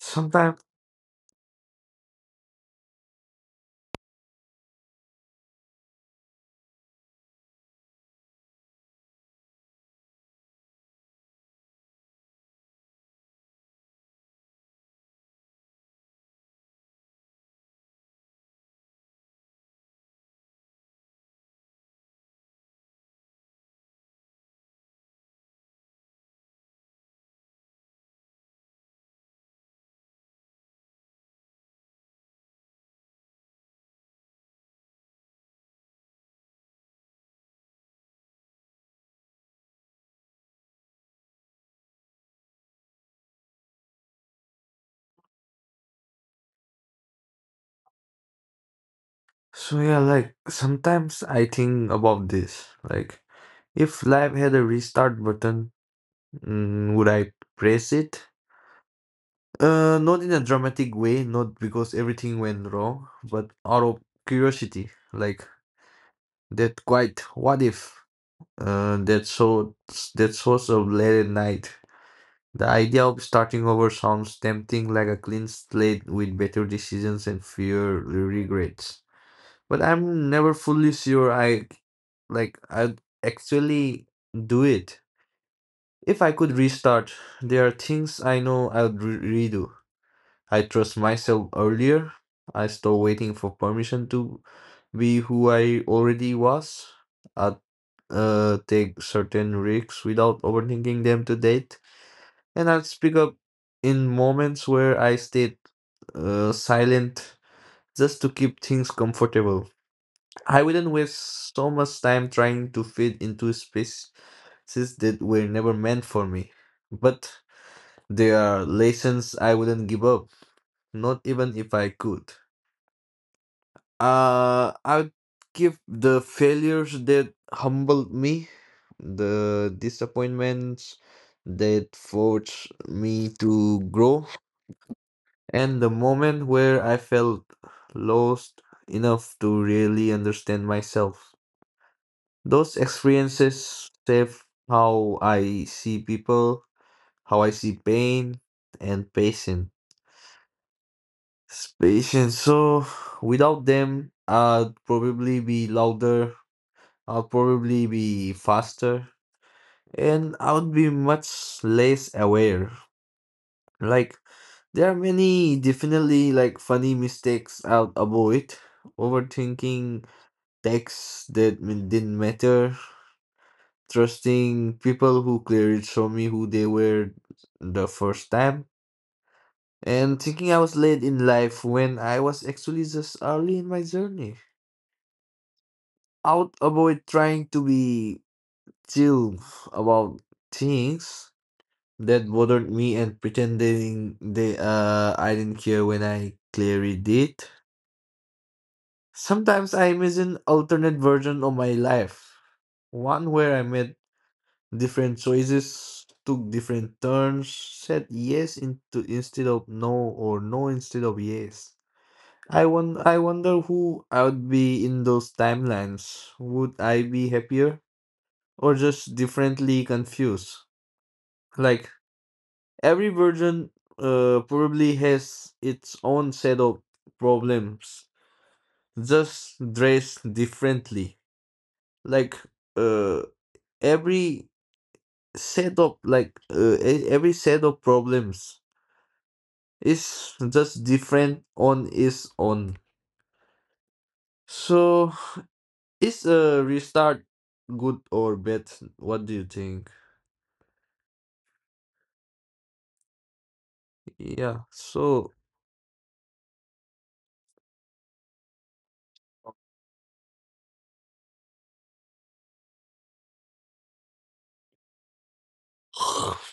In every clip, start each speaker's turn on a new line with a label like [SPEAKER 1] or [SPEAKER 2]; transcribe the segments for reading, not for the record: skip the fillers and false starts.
[SPEAKER 1] Sometimes, so yeah, like sometimes I think about this. Like, if life had a restart button, would I press it? Not in a dramatic way, not because everything went wrong, but out of curiosity, like that quite what if, that so that source of late at night. The idea of starting over sounds tempting, like a clean slate with better decisions and fewer regrets. But I'm never fully sure I'd actually do it. If I could restart, there are things I know I'd redo. I trust myself earlier. I stop waiting for permission to be who I already was. I'd take certain risks without overthinking them to date. And I'd speak up in moments where I stayed silent just to keep things comfortable. I wouldn't waste so much time trying to fit into spaces that were never meant for me. But there are lessons I wouldn't give up, not even if I could. I would give the failures that humbled me, the disappointments that forced me to grow, and the moment where I felt lost enough to really understand myself. Those experiences shape how I see people, how I see pain, and patience. Patience. So without them, I'd probably be louder. I'll probably be faster, and I would be much less aware. Like there are many definitely like funny mistakes I'll avoid. Overthinking texts that didn't matter, trusting people who clearly showed me who they were the first time, and thinking I was late in life when I was actually just early in my journey. I would avoid trying to be chill about things that bothered me and pretending they I didn't care when I clearly did. Sometimes I imagine alternate version of my life, one where I met different choices, took different turns, said yes into instead of no or no instead of yes. I wonder who I would be in those timelines. Would I be happier or just differently confused? Like every version probably has its own set of problems, just dressed differently. Like uh, every set of problems. It's just different on its own. So, is a restart good or bad? What do you think? Yeah, so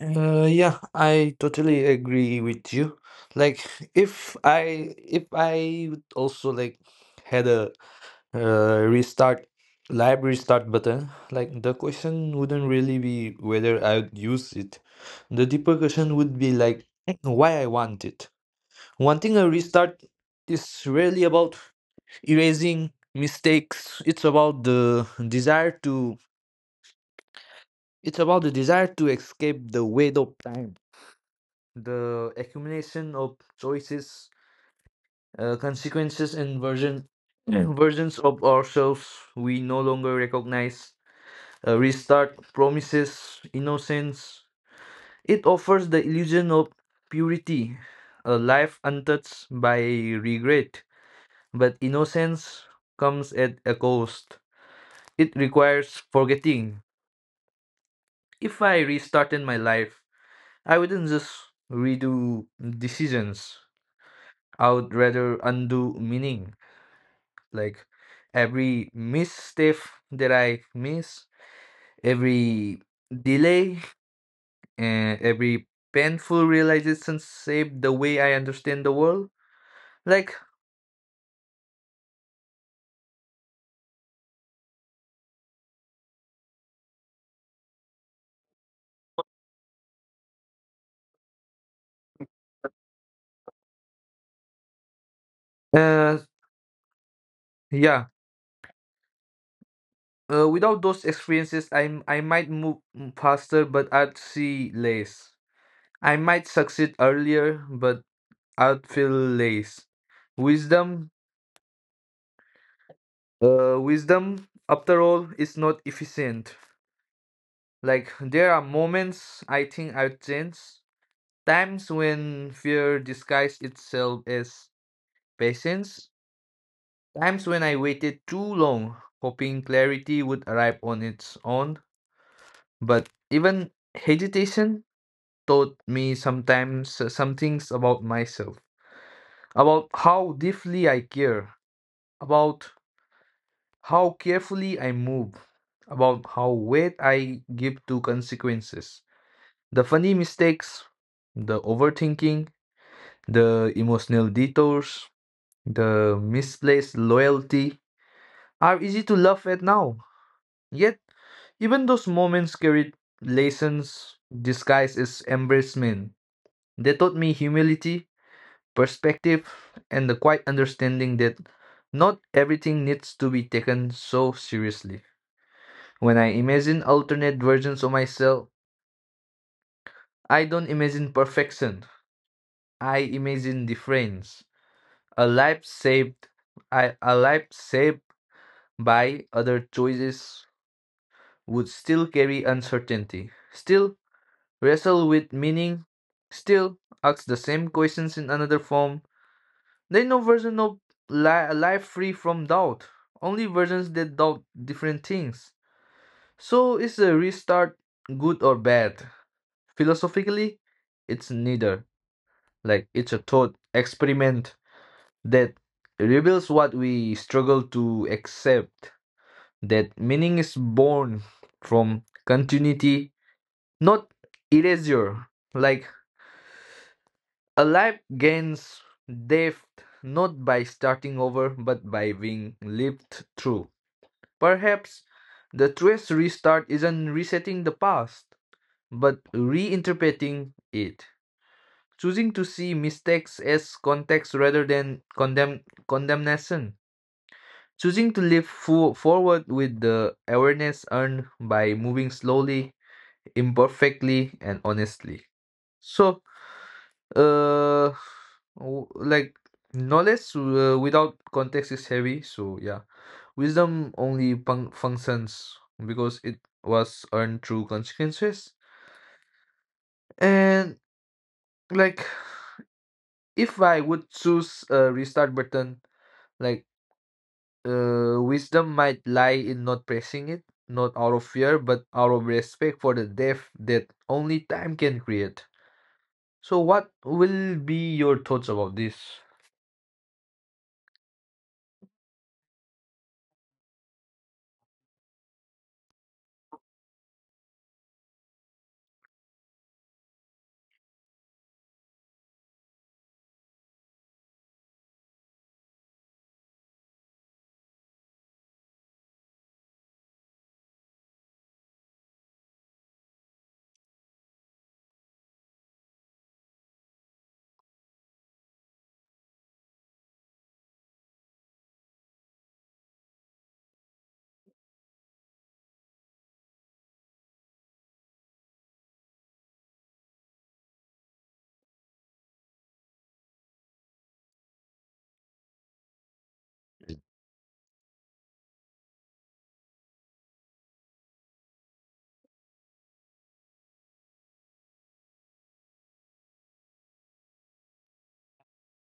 [SPEAKER 1] yeah, I totally agree with you. Like if I would also like had a restart live restart button, like the question wouldn't really be whether I would use it. The deeper question would be like why I want it. One thing a restart is really about erasing mistakes. It's about the desire to escape the weight of time, the accumulation of choices, consequences, and version versions of ourselves we no longer recognize. A restart promises innocence. It offers the illusion of purity, a life untouched by regret. But innocence comes at a cost. It requires forgetting. If I restarted my life, I wouldn't just redo decisions. I would rather undo meaning. Like every misstep that I miss, every delay, and every painful realization saved the way I understand the world. Like
[SPEAKER 2] Uh, yeah. Without those experiences, I might move faster, but I'd see less. I might succeed earlier, but I'd feel less. Wisdom, wisdom, after all, is not efficient. Like, there are moments I think I'd change, times when fear disguised itself as patience, times when I waited too long, hoping clarity would arrive on its own. But even hesitation taught me sometimes some things about myself, about how deeply I care, about how carefully I move, about how weight I give to consequences. The funny mistakes, the overthinking, the emotional detours, the misplaced loyalty are easy to laugh at now. Yet, even those moments carried lessons disguised as embarrassment. They taught me humility, perspective and the quiet understanding that not everything needs to be taken so seriously. When I imagine alternate versions of myself, I don't imagine perfection. I imagine difference. A life saved a life saved by other choices would still carry uncertainty, still wrestle with meaning, still ask the same questions in another form. There is no version of life free from doubt, only versions that doubt different things. So, is a restart good or bad? Philosophically, it's neither. Like, it's a thought experiment that reveals what we struggle to accept, that meaning is born from continuity, not erasure. Like, a life gains depth not by starting over, but by being lived through. Perhaps the twist restart isn't resetting the past, but reinterpreting it, choosing to see mistakes as context rather than condemnation, choosing to live forward with the awareness earned by moving slowly, imperfectly, and honestly. So, uh, like knowledge without context is heavy. So, yeah. Wisdom only functions because it was earned through consequences. And like, if I would choose a restart button, like, wisdom might lie in not pressing it, not out of fear, but out of respect for the death that only time can create. So, what will be your thoughts about this?